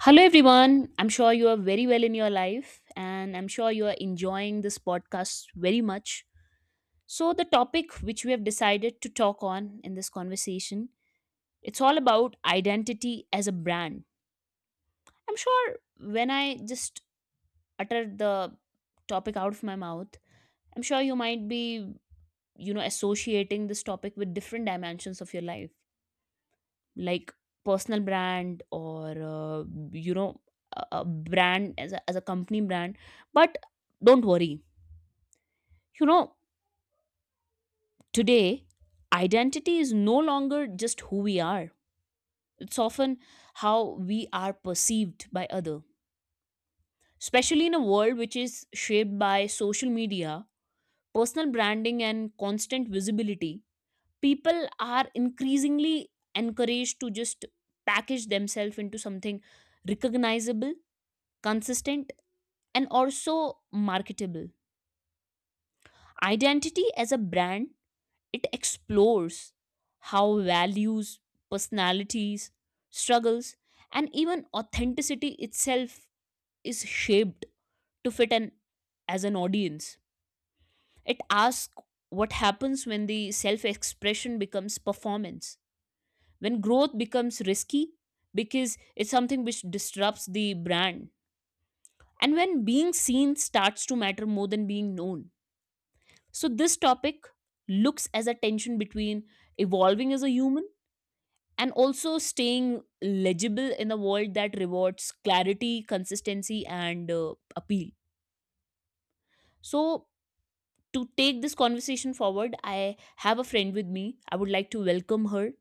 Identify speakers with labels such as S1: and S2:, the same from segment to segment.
S1: Hello, everyone. I'm sure you are very well in your life, and I'm sure you are enjoying this podcast very much. So, the topic which we have decided to talk on in this conversation, it's all about identity as a brand. I'm sure when I just uttered the topic out of my mouth, I'm sure you might be, you know, associating this topic with different dimensions of your life. Like personal brand or you know, a brand as a company brand. But don't worry, you know, today identity is no longer just who we are. It's often how we are perceived by other, especially in a world which is shaped by social media, personal branding, and constant visibility. People are increasingly encouraged to just package themselves into something recognizable, consistent, and also marketable. Identity as a brand, it explores how values, personalities, struggles, and even authenticity itself is shaped to fit an as an audience. It asks what happens when the self-expression becomes performance, when growth becomes risky because it's something which disrupts the brand, and when being seen starts to matter more than being known. So this topic looks as a tension between evolving as a human and also staying legible in a world that rewards clarity, consistency, and appeal. So to take this conversation forward, I have a friend with me. I would like to welcome her,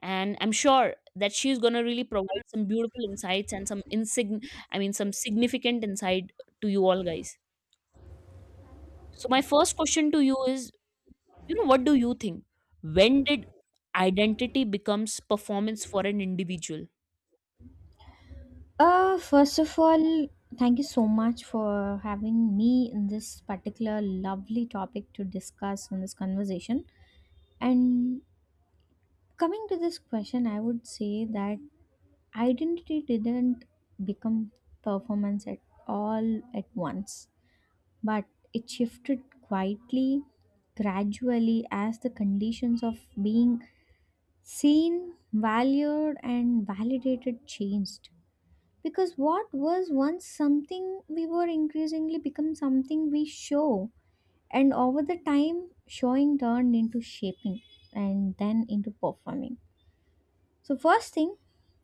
S1: and I'm sure that she's gonna really provide some beautiful insights and some insign I mean some significant insight to you all guys. So my first question to you is, you know, what do you think? When did identity becomes performance for an individual?
S2: First of all, thank you so much for having me in this particular lovely topic to discuss in this conversation. And coming to this question, I would say that identity didn't become performance at all at once, but it shifted quietly, gradually, as the conditions of being seen, valued, and validated changed, because what was once something we were increasingly become something we show, and over the time showing turned into shaping and then into performing. So first thing,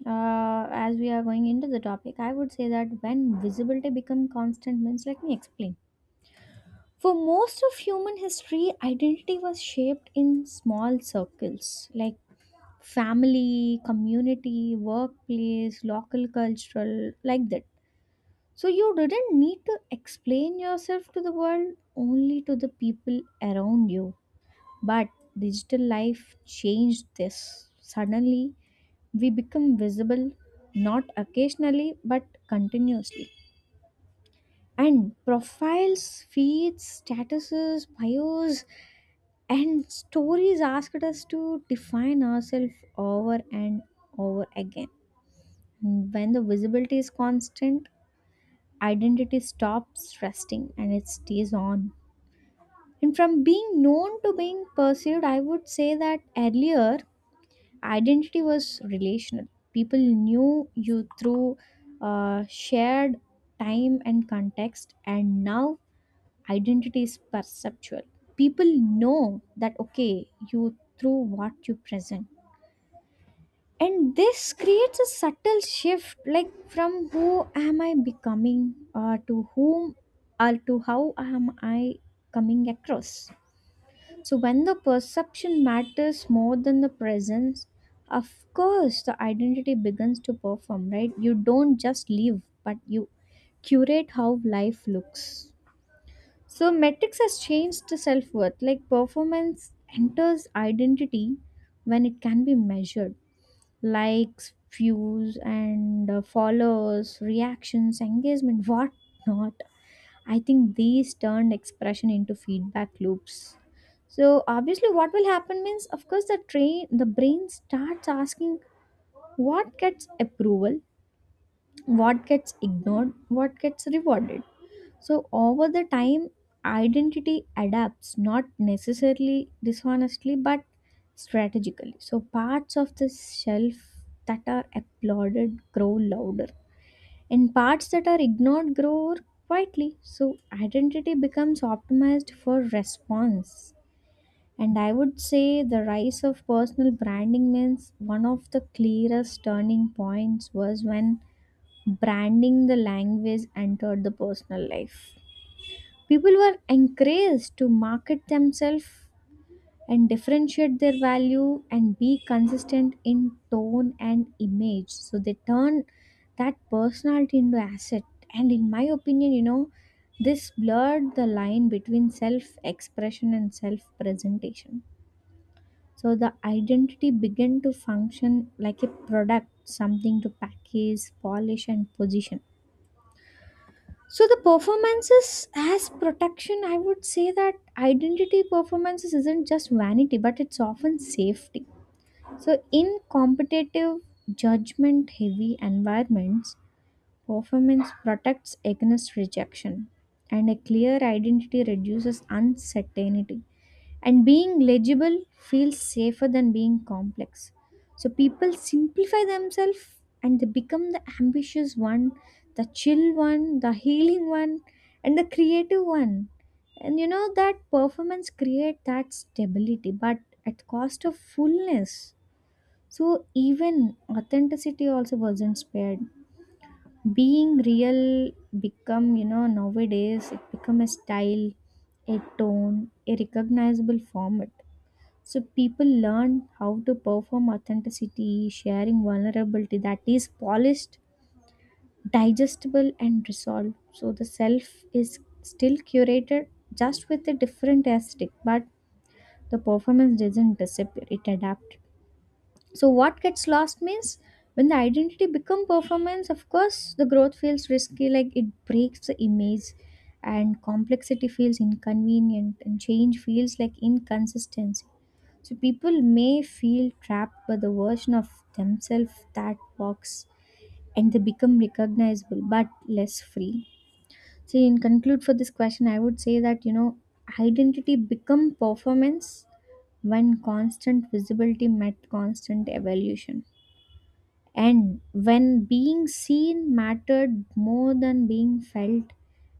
S2: as we are going into the topic, I would say that when visibility become constant means, let me explain. For most of human history, identity was shaped in small circles like family, community, workplace, local, cultural, like that. So you didn't need to explain yourself to the world, only to the people around you. But digital life changed this. Suddenly, we become visible not occasionally but continuously. And profiles, feeds, statuses, bios, and stories asked us to define ourselves over and over again. When the visibility is constant, identity stops resting and it stays on. And from being known to being perceived, I would say that earlier identity was relational. People knew you through shared time and context, and now identity is perceptual. People know that, okay, you through what you present. And this creates a subtle shift, like from who am I becoming, or to whom, or to how am I coming across. So, when the perception matters more than the presence, of course, the identity begins to perform, right? You don't just live, but you curate how life looks. So, metrics has changed to self worth. Like, performance enters identity when it can be measured, likes, views, and followers, reactions, engagement, what not. I think these turned expression into feedback loops. So obviously what will happen means of course the brain starts asking what gets approval, what gets ignored, what gets rewarded. So over the time identity adapts not necessarily dishonestly but strategically. So parts of the self that are applauded grow louder and parts that are ignored grow quietly. So identity becomes optimized for response. And I would say the rise of personal branding means one of the clearest turning points was when branding the language entered the personal life. People were encouraged to market themselves and differentiate their value and be consistent in tone and image, so they turn that personality into asset. And in my opinion, you know, this blurred the line between self expression and self presentation. So the identity began to function like a product, something to package, polish, and position. So the performances as protection, I would say that identity performances isn't just vanity, but it's often safety. So, in competitive, judgment heavy environments, performance protects against rejection, and a clear identity reduces uncertainty. And being legible feels safer than being complex. So, people simplify themselves and they become the ambitious one, the chill one, the healing one, and the creative one. And you know that performance create that stability, but at cost of fullness. So even authenticity also wasn't spared. Being real become, you know, nowadays it become a style, a tone, a recognizable format. So people learn how to perform authenticity, sharing vulnerability that is polished, digestible, and resolved. So the self is still curated, just with a different aesthetic, but the performance doesn't disappear, it adapts. So what gets lost means when the identity become performance, of course the growth feels risky, like it breaks the image, and complexity feels inconvenient, and change feels like inconsistency. So people may feel trapped by the version of themselves that works, and they become recognizable but less free. So in conclude for this question, I would say that, you know, identity become performance when constant visibility met constant evaluation, and when being seen mattered more than being felt,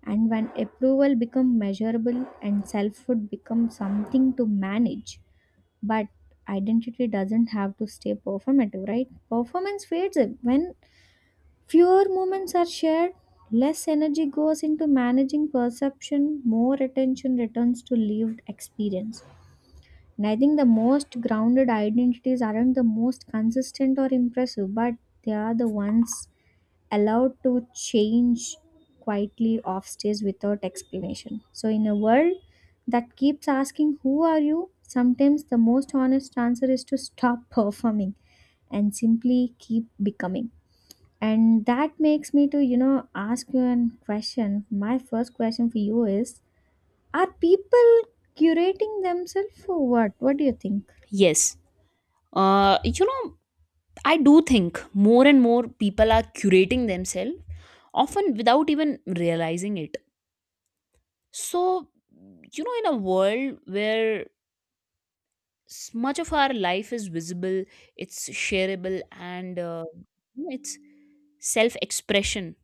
S2: and when approval become measurable and selfhood become something to manage. But identity doesn't have to stay performative, right? Performance fades away when fewer moments are shared. Less energy goes into managing perception, more attention returns to lived experience. And I think the most grounded identities aren't the most consistent or impressive, but they are the ones allowed to change quietly off stage without explanation. So, in a world that keeps asking, "Who are you?" sometimes the most honest answer is to stop performing and simply keep becoming. And that makes me to, you know, ask you a question. My first question for you is, are people curating themselves for what? What do you think?
S1: Yes. You know, I do think more and more people are curating themselves, often without even realizing it. So, you know, in a world where much of our life is visible, it's shareable, and you know, it's self expression,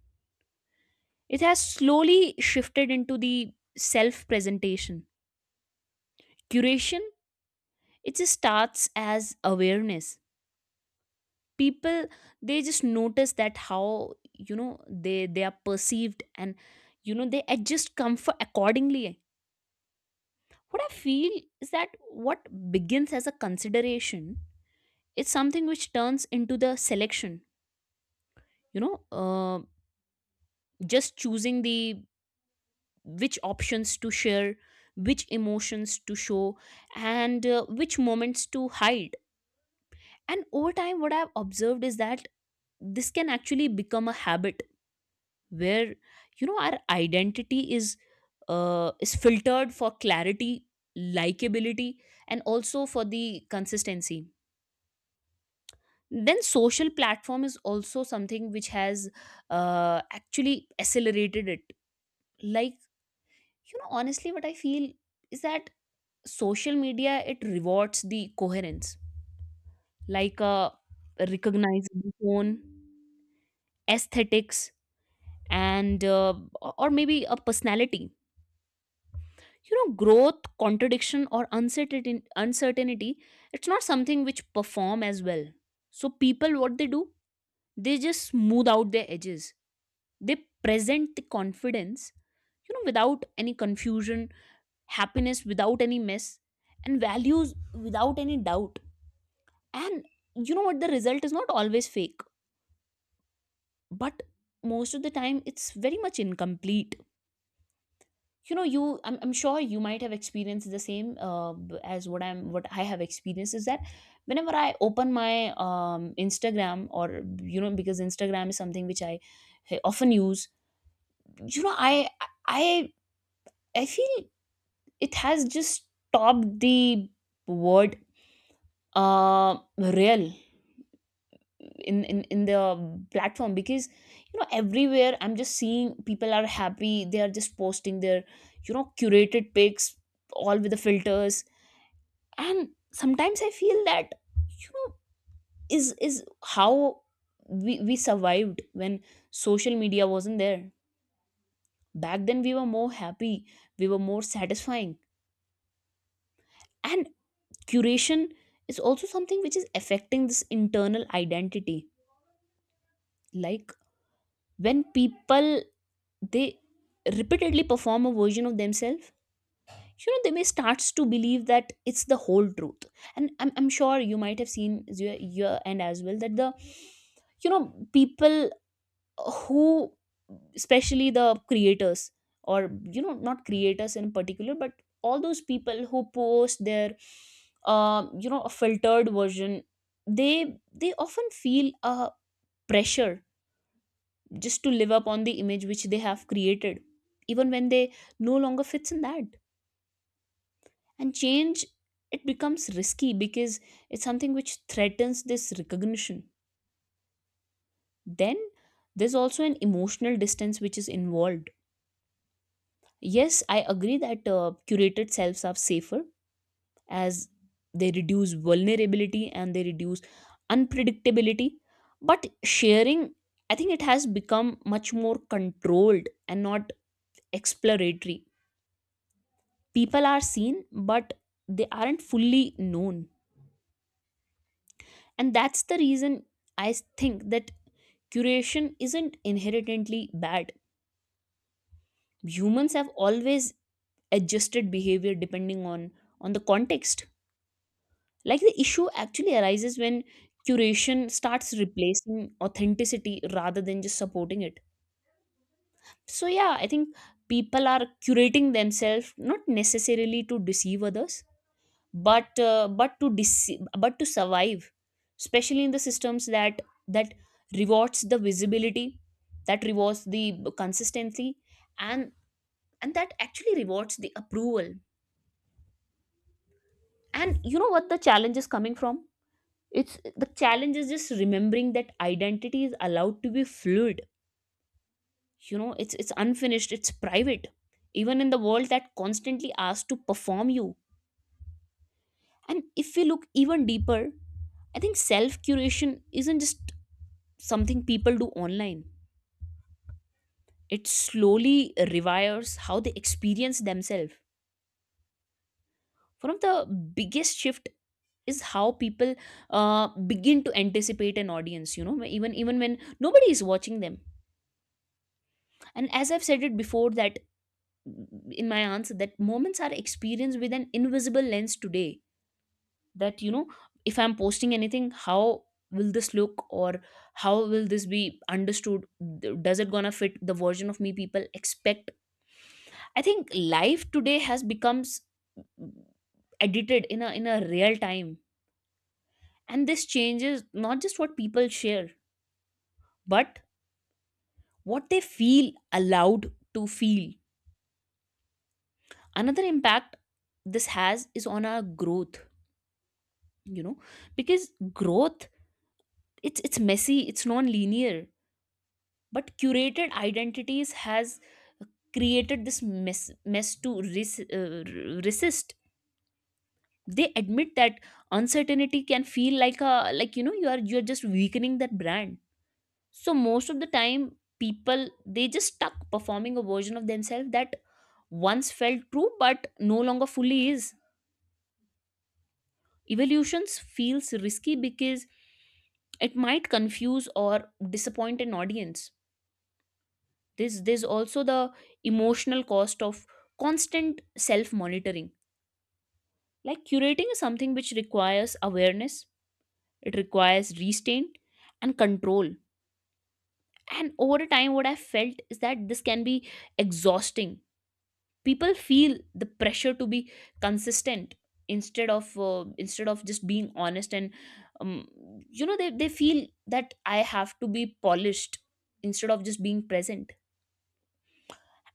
S1: it has slowly shifted into the self presentation. Curation, it just starts as awareness. People, they just notice that, how you know, they are perceived, and you know, they adjust comfort accordingly. What I feel is that what begins as a consideration is something which turns into the selection. You know, just choosing the which options to share, which emotions to show, and which moments to hide. And over time, what I've observed is that this can actually become a habit where, you know, our identity is filtered for clarity, likability, and also for the consistency. Then social platform is also something which has actually accelerated it. Like, you know, honestly, what I feel is that social media, it rewards the coherence, like a recognizable tone, aesthetics, and or maybe a personality. You know, growth, contradiction, or uncertainty, it's not something which perform as well. So people, what they do, they just smooth out their edges. They present the confidence, you know, without any confusion, happiness without any mess, and values without any doubt. And you know what, the result is not always fake, but most of the time, it's very much incomplete. You know, I'm sure you might have experienced the same, as what I have experienced is that whenever I open my Instagram, or you know, because Instagram is something which I often use. You know, i I feel it has just topped the word real in, in the platform, because you know, everywhere I'm just seeing people are happy. They are just posting their, you know, curated pics, all with the filters. And sometimes I feel that, you know, is how we survived when social media wasn't there. Back then we were more happy, we were more satisfying. And curation is also something which is affecting this internal identity. Like when people, they repeatedly perform a version of themselves, you know, they may starts to believe that it's the whole truth. And I'm sure you might have seen your end as well, that the, you know, people who, especially the creators, or you know, not creators in particular, but all those people who post their you know, a filtered version, they often feel a pressure just to live up on the image which they have created, even when they no longer fits in that. And change, it becomes risky because it's something which threatens this recognition. Then there's also an emotional distance which is involved. Yes, I agree that curated selves are safer as they reduce vulnerability and they reduce unpredictability. But sharing, I think it has become much more controlled and not exploratory. People are seen, but they aren't fully known. And that's the reason I think that curation isn't inherently bad. Humans have always adjusted behavior depending on the context. Like the issue actually arises when curation starts replacing authenticity rather than just supporting it. So yeah, I think people are curating themselves not necessarily to deceive others, but but to survive, especially in the systems that that rewards the visibility, that rewards the consistency, and and that actually rewards the approval. And you know what, the challenge is coming from, it's the challenge is just remembering that identity is allowed to be fluid. You know, it's unfinished, it's private, even in the world that constantly asks to perform you. And if we look even deeper, I think self curation isn't just something people do online. It slowly rewires how they experience themselves. One of the biggest shift is how people begin to anticipate an audience, you know, even when nobody is watching them. And as I've said it before, that in my answer, that moments are experienced with an invisible lens today, that you know, if I'm posting anything, how will this look, or how will this be understood? Does it gonna fit the version of me people expect? I think life today has becomes edited in a real time. And this changes not just what people share, but what they feel allowed to feel. Another impact this has is on our growth, you know, because growth, it's messy, it's non-linear, but curated identities has created this mess to resist. They admit that uncertainty can feel like a like, you know, you are just weakening that brand. So most of the time people, they just stuck performing a version of themselves that once felt true but no longer fully is. Evolutions feels risky because it might confuse or disappoint an audience. There's also the emotional cost of constant self monitoring. Like curating is something which requires awareness, it requires restraint and control. And over the time, what I felt is that this can be exhausting. People feel the pressure to be consistent instead of just being honest. And um, you know, they feel that I have to be polished instead of just being present.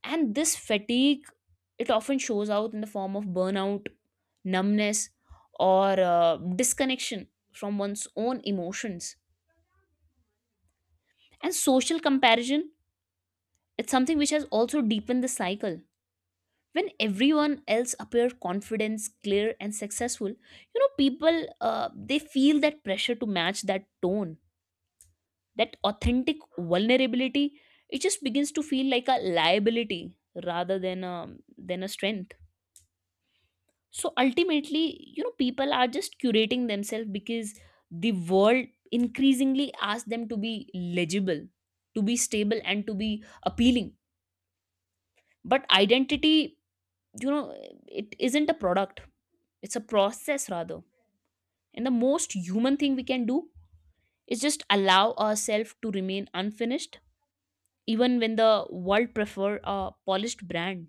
S1: And this fatigue, it often shows out in the form of burnout, numbness, or disconnection from one's own emotions. And social comparison, it's something which has also deepened the cycle. When everyone else appear confident, clear, and successful, you know, people they feel that pressure to match that tone. That authentic vulnerability, it just begins to feel like a liability rather than than a strength. So ultimately, you know, people are just curating themselves because the world increasingly asks them to be legible, to be stable, and to be appealing. But identity, you know, it isn't a product, it's a process rather. And the most human thing we can do is just allow ourselves to remain unfinished, even when the world prefer a polished brand.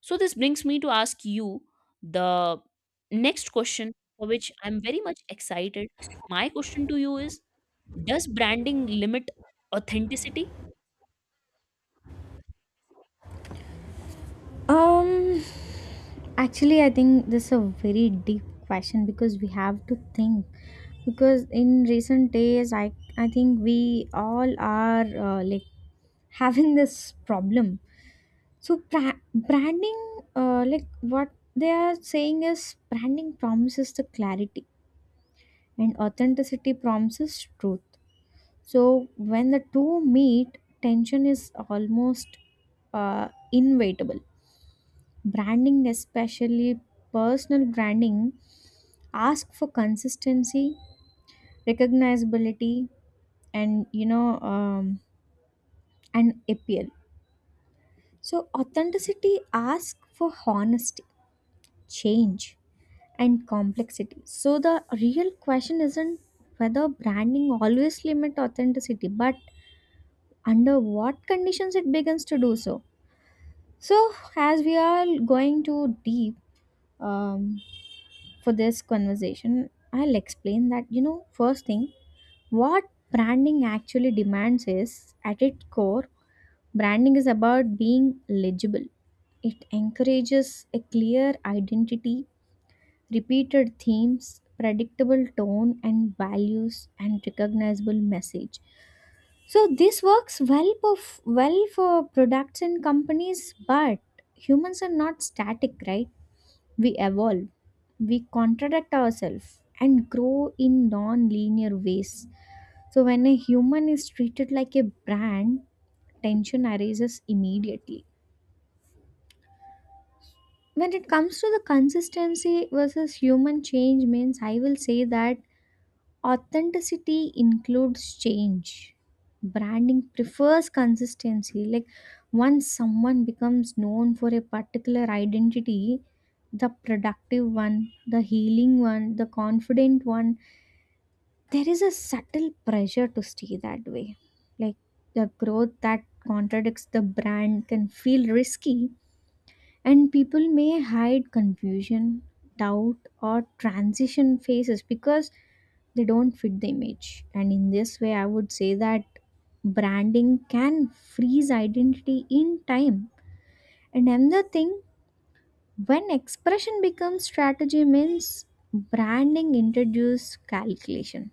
S1: So this brings me to ask you the next question, for which I'm very much excited. My question to you is, does branding limit authenticity?
S2: Um, Actually, I think this is a very deep question because we have to think. Because in recent days, I think we all are like having this problem. So branding, like what they are saying is branding promises the clarity and authenticity promises truth. So when the two meet, tension is almost inevitable. Branding, especially personal branding, ask for consistency, recognizability, and you know, and appeal. So authenticity asks for honesty, change, and complexity. So the real question isn't whether branding always limit authenticity, but under what conditions it begins to do so. So as we are going too deep, um, for this conversation, I'll explain that, you know, first thing, what branding actually demands is at its core, branding is about being legible. It encourages a clear identity, repeated themes, predictable tone and values, and recognizable message. So this works well for well for products and companies, but humans are not static, right? We evolve, we contradict ourselves, and grow in non linear ways. So, when a human is treated like a brand, tension arises immediately. When it comes to the consistency versus human change, means I will say that authenticity includes change. Branding prefers consistency. Like once someone becomes known for a particular identity, the productive one, the healing one, the confident one, there is a subtle pressure to stay that way. Like the growth that contradicts the brand can feel risky, and people may hide confusion, doubt, or transition phases because they don't fit the image. And in this way I would say that branding can freeze identity in time. And another thing, when expression becomes strategy means branding introduce calculation.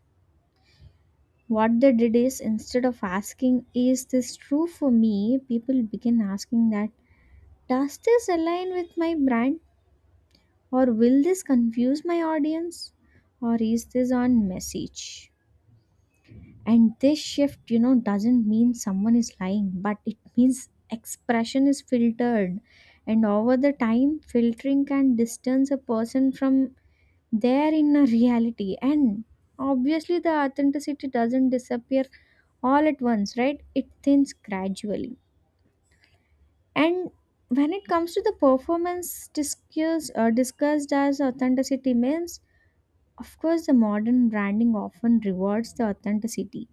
S2: What they did is instead of asking is this true for me, people begin asking that does this align with my brand, or will this confuse my audience, or is this on message. And this shift, you know, doesn't mean someone is lying, but it means expression is filtered. And over the time, filtering can distance a person from their inner reality. And obviously, the authenticity doesn't disappear all at once, right? It thins gradually. And when it comes to the performance discussed as authenticity means, of course, the modern branding often rewards the authenticity.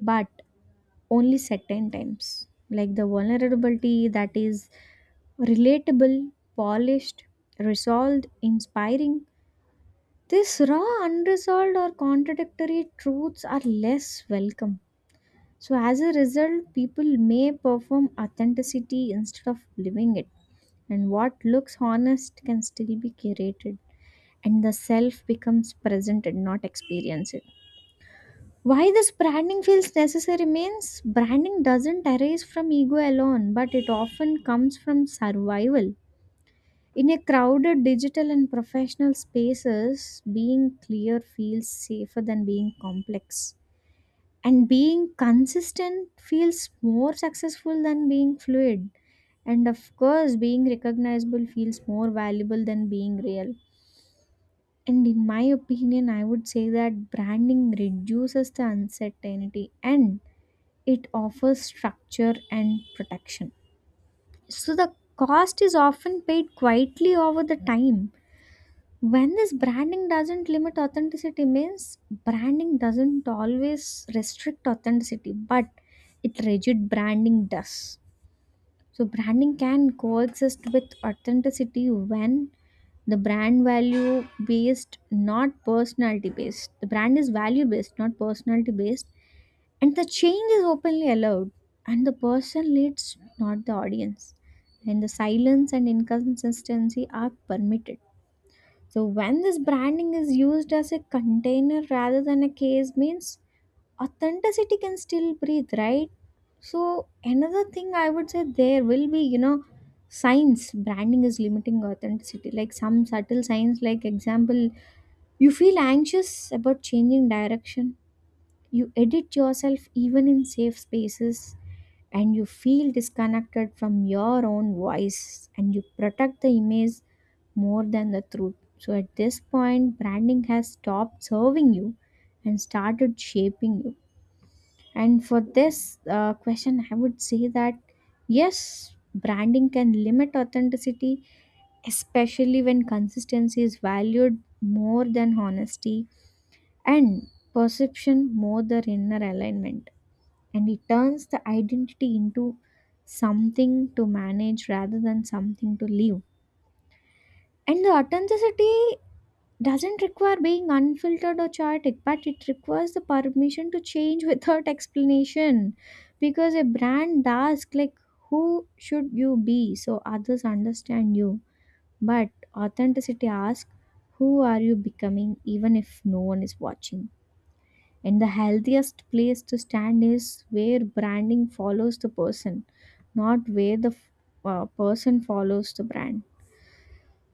S2: But only certain times. Like the vulnerability that is relatable, polished, resolved, inspiring. These raw, unresolved, or contradictory truths are less welcome. So, as a result, people may perform authenticity instead of living it. And what looks honest can still be curated, and the self becomes presented, not experienced. Why this branding feels necessary means branding doesn't arise from ego alone, but it often comes from survival. In a crowded digital and professional spaces, being clear feels safer than being complex. And being consistent feels more successful than being fluid. And of course, being recognizable feels more valuable than being real. And in my opinion, I would say that branding reduces the uncertainty and it offers structure and protection. So the cost is often paid quietly over the time. When this branding doesn't limit authenticity means branding doesn't always restrict authenticity, but it rigid branding does. So branding can coexist with authenticity when the brand value based, not personality based. The brand is value based, not personality based and the change is openly allowed, and the person leads, not the audience, and the silence and inconsistency are permitted. So when this branding is used as a container rather than a case means authenticity can still breathe, right? So another thing I would say, there will be, you know, signs branding is limiting authenticity, like some subtle signs like example, you feel anxious about changing direction, you edit yourself even in safe spaces, and you feel disconnected from your own voice, and you protect the image more than the truth. So at this point, branding has stopped serving you and started shaping you. And for this question, I would say that yes, branding can limit authenticity, especially when consistency is valued more than honesty, and perception more than inner alignment, and it turns the identity into something to manage rather than something to live. And the authenticity doesn't require being unfiltered or chaotic, but it requires the permission to change without explanation. Because a brand asks, like, who should you be so others understand you? But authenticity asks, who are you becoming even if no one is watching? And the healthiest place to stand is where branding follows the person, not where the person follows the brand.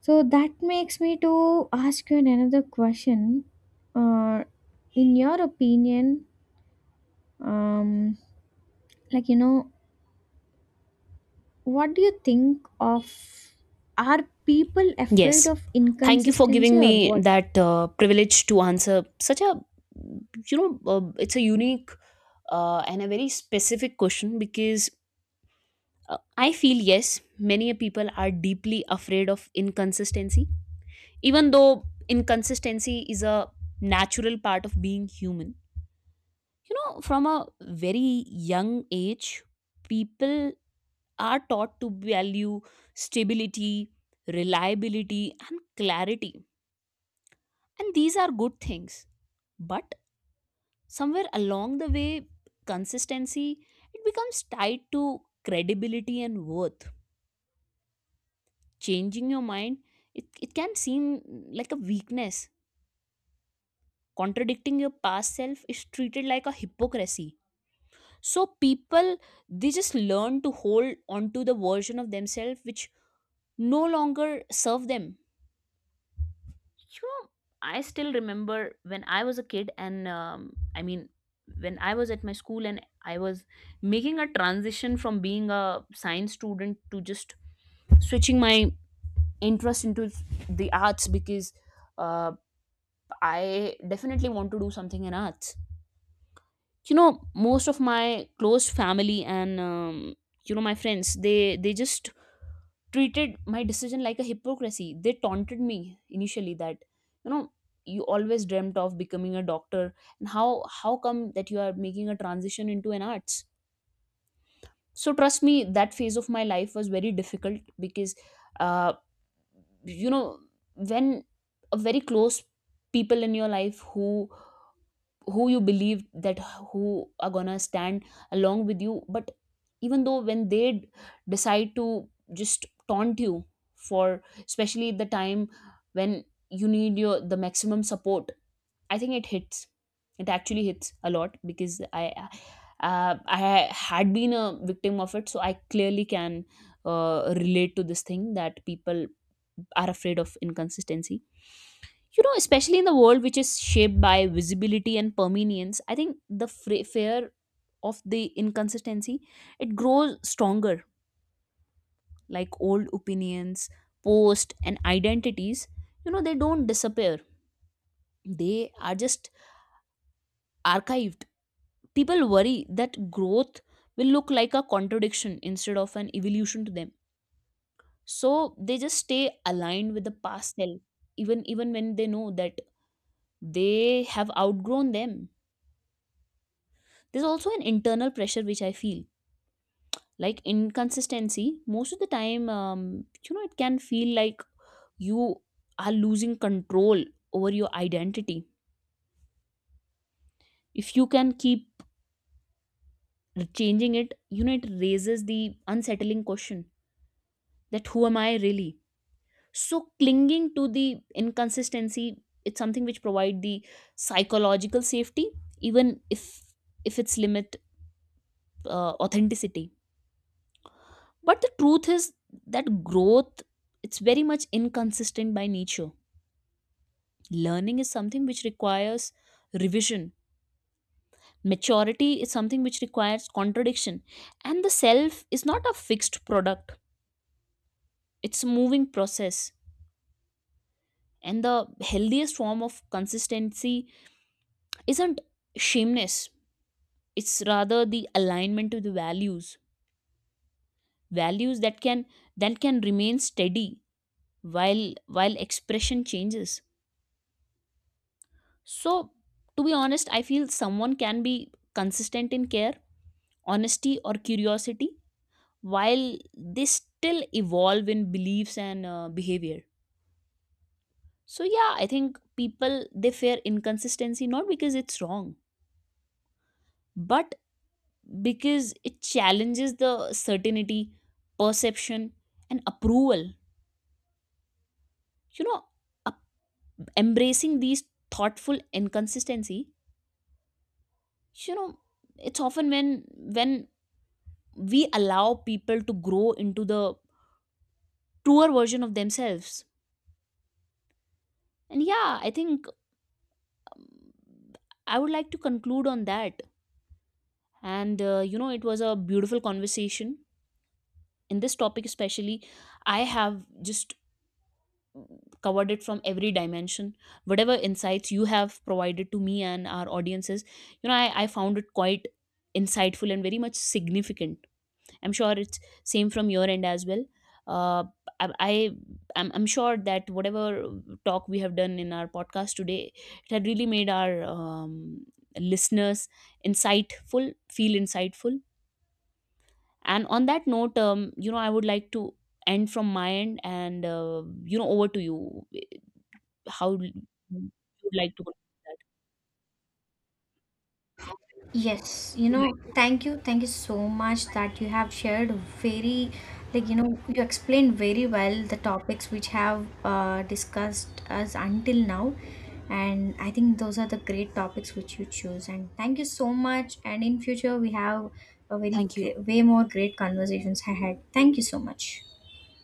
S2: So that makes me to ask you another question. Uh, in your opinion, um, like you know, what do you think of? Are people afraid
S1: Yes,
S2: of
S1: thank you for
S2: inconsistency
S1: giving
S2: or
S1: me
S2: what?
S1: that privilege to answer such a, you know, it's a unique and a very specific question. Because I feel yes, many people are deeply afraid of inconsistency, even though inconsistency is a natural part of being human. You know, from a very young age, people are taught to value stability, reliability, and clarity. And these are good things. But somewhere along the way, consistency, it becomes tied to credibility and worth. Changing your mind, it can seem like a weakness. Contradicting your past self is treated like a hypocrisy. So people, they just learn to hold onto the version of themselves which no longer serve them. You know, I still remember when I was a kid and when I was at my school, and I was making a transition from being a science student to just switching my interest into the arts. Because uh, I definitely want to do something in arts. You know, most of my close family and my friends, they just treated my decision like a hypocrisy. They taunted me initially that you know you always dreamt of becoming a doctor, and how come that you are making a transition into an arts? So trust me, that phase of my life was very difficult because uh, you know when a very close people in your life who you believe that who are gonna stand along with you, but even though when decide to just taunt you for especially the time when you need your the maximum support, I think it hits, it actually hits a lot because I had been a victim of it, so I clearly can relate to this thing that people are afraid of inconsistency. You know, especially in the world which is shaped by visibility and permanence, I think the fear of the inconsistency, it grows stronger. Like old opinions, posts and identities, you know, they don't disappear, they are just archived. People worry that growth will look like a contradiction instead of an evolution to them, so they just stay aligned with the past self, even when they know that they have outgrown them. There's also an internal pressure which I feel like inconsistency. Most of the time, it can feel like you are losing control over your identity. If you can keep changing it, you know, it raises the unsettling question that who am I really? So clinging to the inconsistency, it's something which provide the psychological safety, even if it's limit authenticity. But the truth is that growth, it's very much inconsistent by nature. Learning is something which requires revision. Maturity is something which requires contradiction. And the self is not a fixed product. It's a moving process. And the healthiest form of consistency isn't shameness. It's rather the alignment to the values. Values that can remain steady while while expression changes. So, to be honest, I feel someone can be consistent in care, honesty, or curiosity while they still evolve in beliefs and behavior. So, yeah, I think people they fear inconsistency not because it's wrong, but because it challenges the certainty, perception, and approval. You know, up- embracing these thoughtful inconsistency, you know, it's often when we allow people to grow into the truer version of themselves. And yeah, I think um, I would like to conclude on that. And you know, it was a beautiful conversation. In this topic, especially, I have just covered it from every dimension. Whatever insights you have provided to me and our audiences, you know, I found it quite insightful and very much significant. I'm sure it's same from your end as well. Uh, I, I I'm sure that whatever talk we have done in our podcast today, it had really made our listeners insightful, feel insightful. And on that note, you know, I would like to end from my end, and you know, over to you. How you would like to conclude
S2: Yes, you
S1: that?
S2: know, thank you so much that you have shared very, like, you know, you explained very well the topics which have discussed us until now. And I think those are the great topics which you choose. And thank you so much. And in future, we have a very,
S1: Thank you.
S2: way more great conversations ahead. Thank you so much.